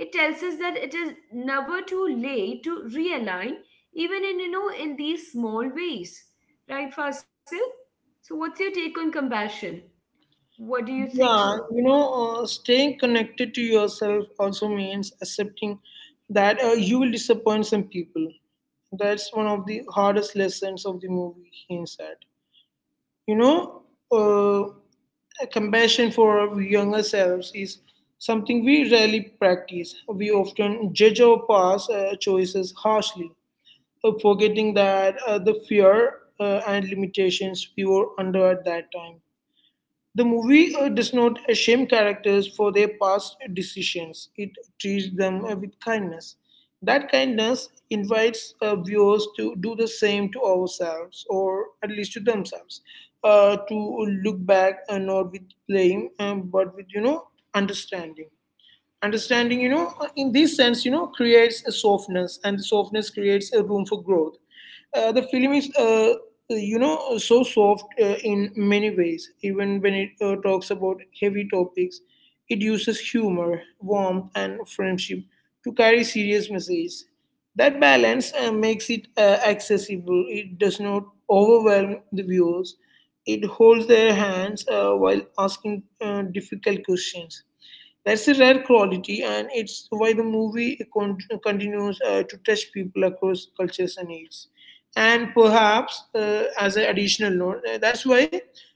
[SPEAKER 1] It tells us that it is never too late to realign, even in in these small ways, right, Fasil? So what's your take on compassion? What do you think?
[SPEAKER 2] Yeah, you know, staying connected to yourself also means accepting that you will disappoint some people. That's one of the hardest lessons of the movie, hints at. You know, uh, compassion for our younger selves is something we rarely practice. We often judge our past choices harshly, forgetting that the fear and limitations we were under at that time. The movie does not shame characters for their past decisions. It treats them with kindness. That kindness invites viewers to do the same to ourselves, or at least to themselves, to look back and not with blame, but with, you know, understanding. Understanding, you know, in this sense, you know, creates a softness, and softness creates a room for growth. The film is so soft in many ways, even when it talks about heavy topics, it uses humor, warmth and friendship to carry serious messages. That balance makes it accessible. It does not overwhelm the viewers, it holds their hands while asking difficult questions. That's a rare quality, and it's why the movie continues to touch people across cultures and needs. And perhaps, as an additional note, that's why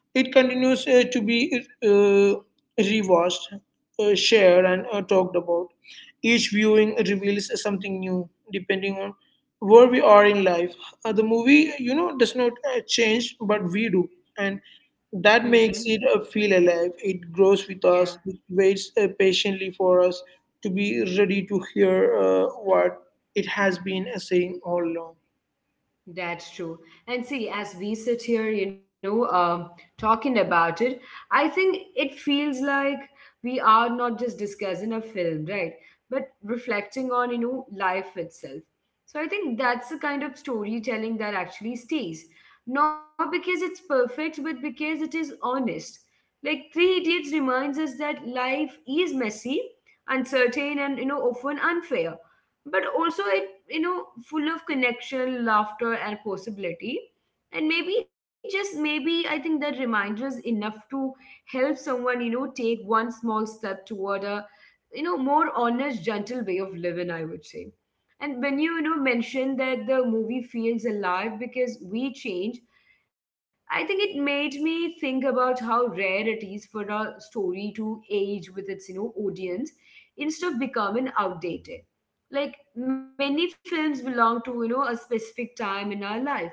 [SPEAKER 2] it continues to be rewatched, shared, and talked about. Each viewing reveals something new, depending on where we are in life. The movie, you know, does not change, but we do. And that
[SPEAKER 1] Mm-hmm.
[SPEAKER 2] makes it feel alive. It grows with
[SPEAKER 1] Yeah.
[SPEAKER 2] us. It waits patiently for us to be ready to hear what it has been saying all along.
[SPEAKER 1] That's true. And see, as we sit here, talking about it, I think it feels like we are not just discussing a film, right? But reflecting on, life itself. So I think that's the kind of storytelling that actually stays. Not because it's perfect, but because it is honest. Like Three Idiots reminds us that life is messy, uncertain, and, often unfair, but also it you know, full of connection, laughter, and possibility. And maybe, just maybe, I think that reminder is enough to help someone, take one small step toward a, more honest, gentle way of living, I would say. And when you mentioned that the movie feels alive because we change, I think it made me think about how rare it is for a story to age with its, audience instead of becoming outdated. Like many films belong to a specific time in our life,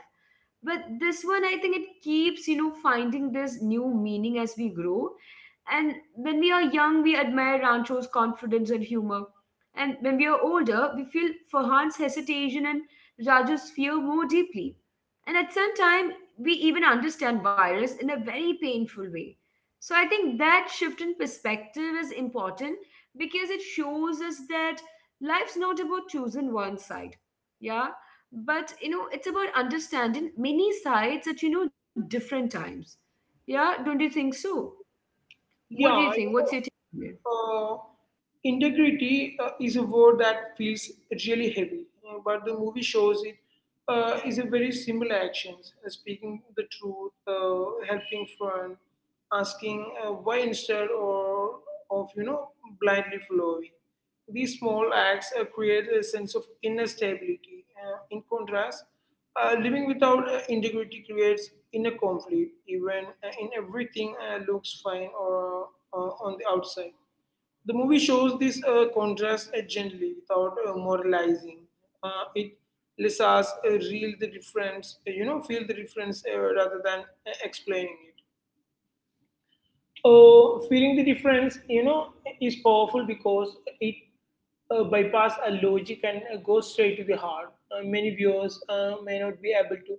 [SPEAKER 1] but this one, I think it keeps finding this new meaning as we grow. And when we are young we admire Rancho's confidence and humor, and when we are older we feel Farhan's hesitation and Raju's fear more deeply. And at some time, we even understand Virus in a very painful way. So I think that shift in perspective is important because it shows us that life's not about choosing one side. Yeah. But you know, it's about understanding many sides at different times. Yeah, don't you think so? What do you
[SPEAKER 2] Yeah.
[SPEAKER 1] think? What's your take?
[SPEAKER 2] Uh, Integrity is a word that feels really heavy, but the movie shows it is a very simple actions: speaking the truth, helping friend, asking why instead or of, you know, blindly following. These small acts create a sense of inner stability. In contrast, living without integrity creates inner conflict, even in everything looks fine or on the outside. The movie shows this contrast gently without moralizing. It lets us real the difference, feel the difference rather than explaining it. Feeling the difference, you know, is powerful because it bypass a logic and goes straight to the heart. Many viewers may not be able to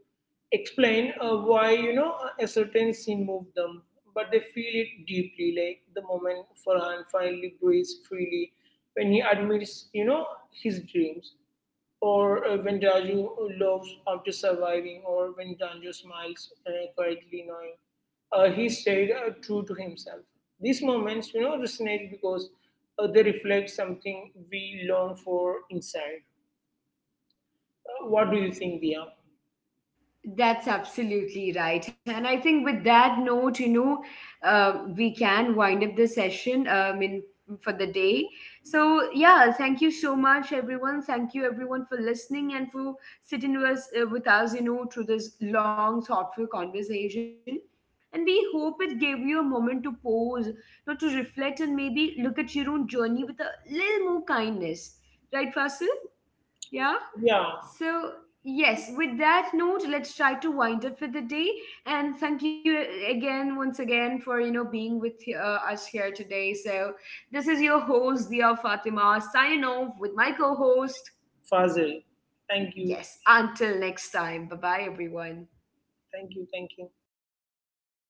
[SPEAKER 2] explain why, you know, a certain scene moved them, but they feel it deeply. Like the moment Farhan finally breathes freely when he admits, you know, his dreams, or when Raju loves after surviving, or when Ranju smiles quietly, knowing he stayed true to himself. These moments, you know, resonate because they reflect something we long for inside. What do you think, Dia?
[SPEAKER 1] That's absolutely right. And I think with that note, we can wind up the session for the day. So, yeah, thank you so much, everyone. Thank you, everyone, for listening and for sitting with us, through this long, thoughtful conversation. And we hope it gave you a moment to pause, to reflect and maybe look at your own journey with a little more kindness. Right, Fasil? Yeah?
[SPEAKER 2] Yeah,
[SPEAKER 1] So, yes, with that note, let's try to wind up for the day. And thank you once again, for being with us here today. So, this is your host, Dia Fatima, signing off with my co-host.
[SPEAKER 2] Fazil. Thank you,
[SPEAKER 1] Yes, until next time. Bye bye, everyone.
[SPEAKER 2] thank you, thank you.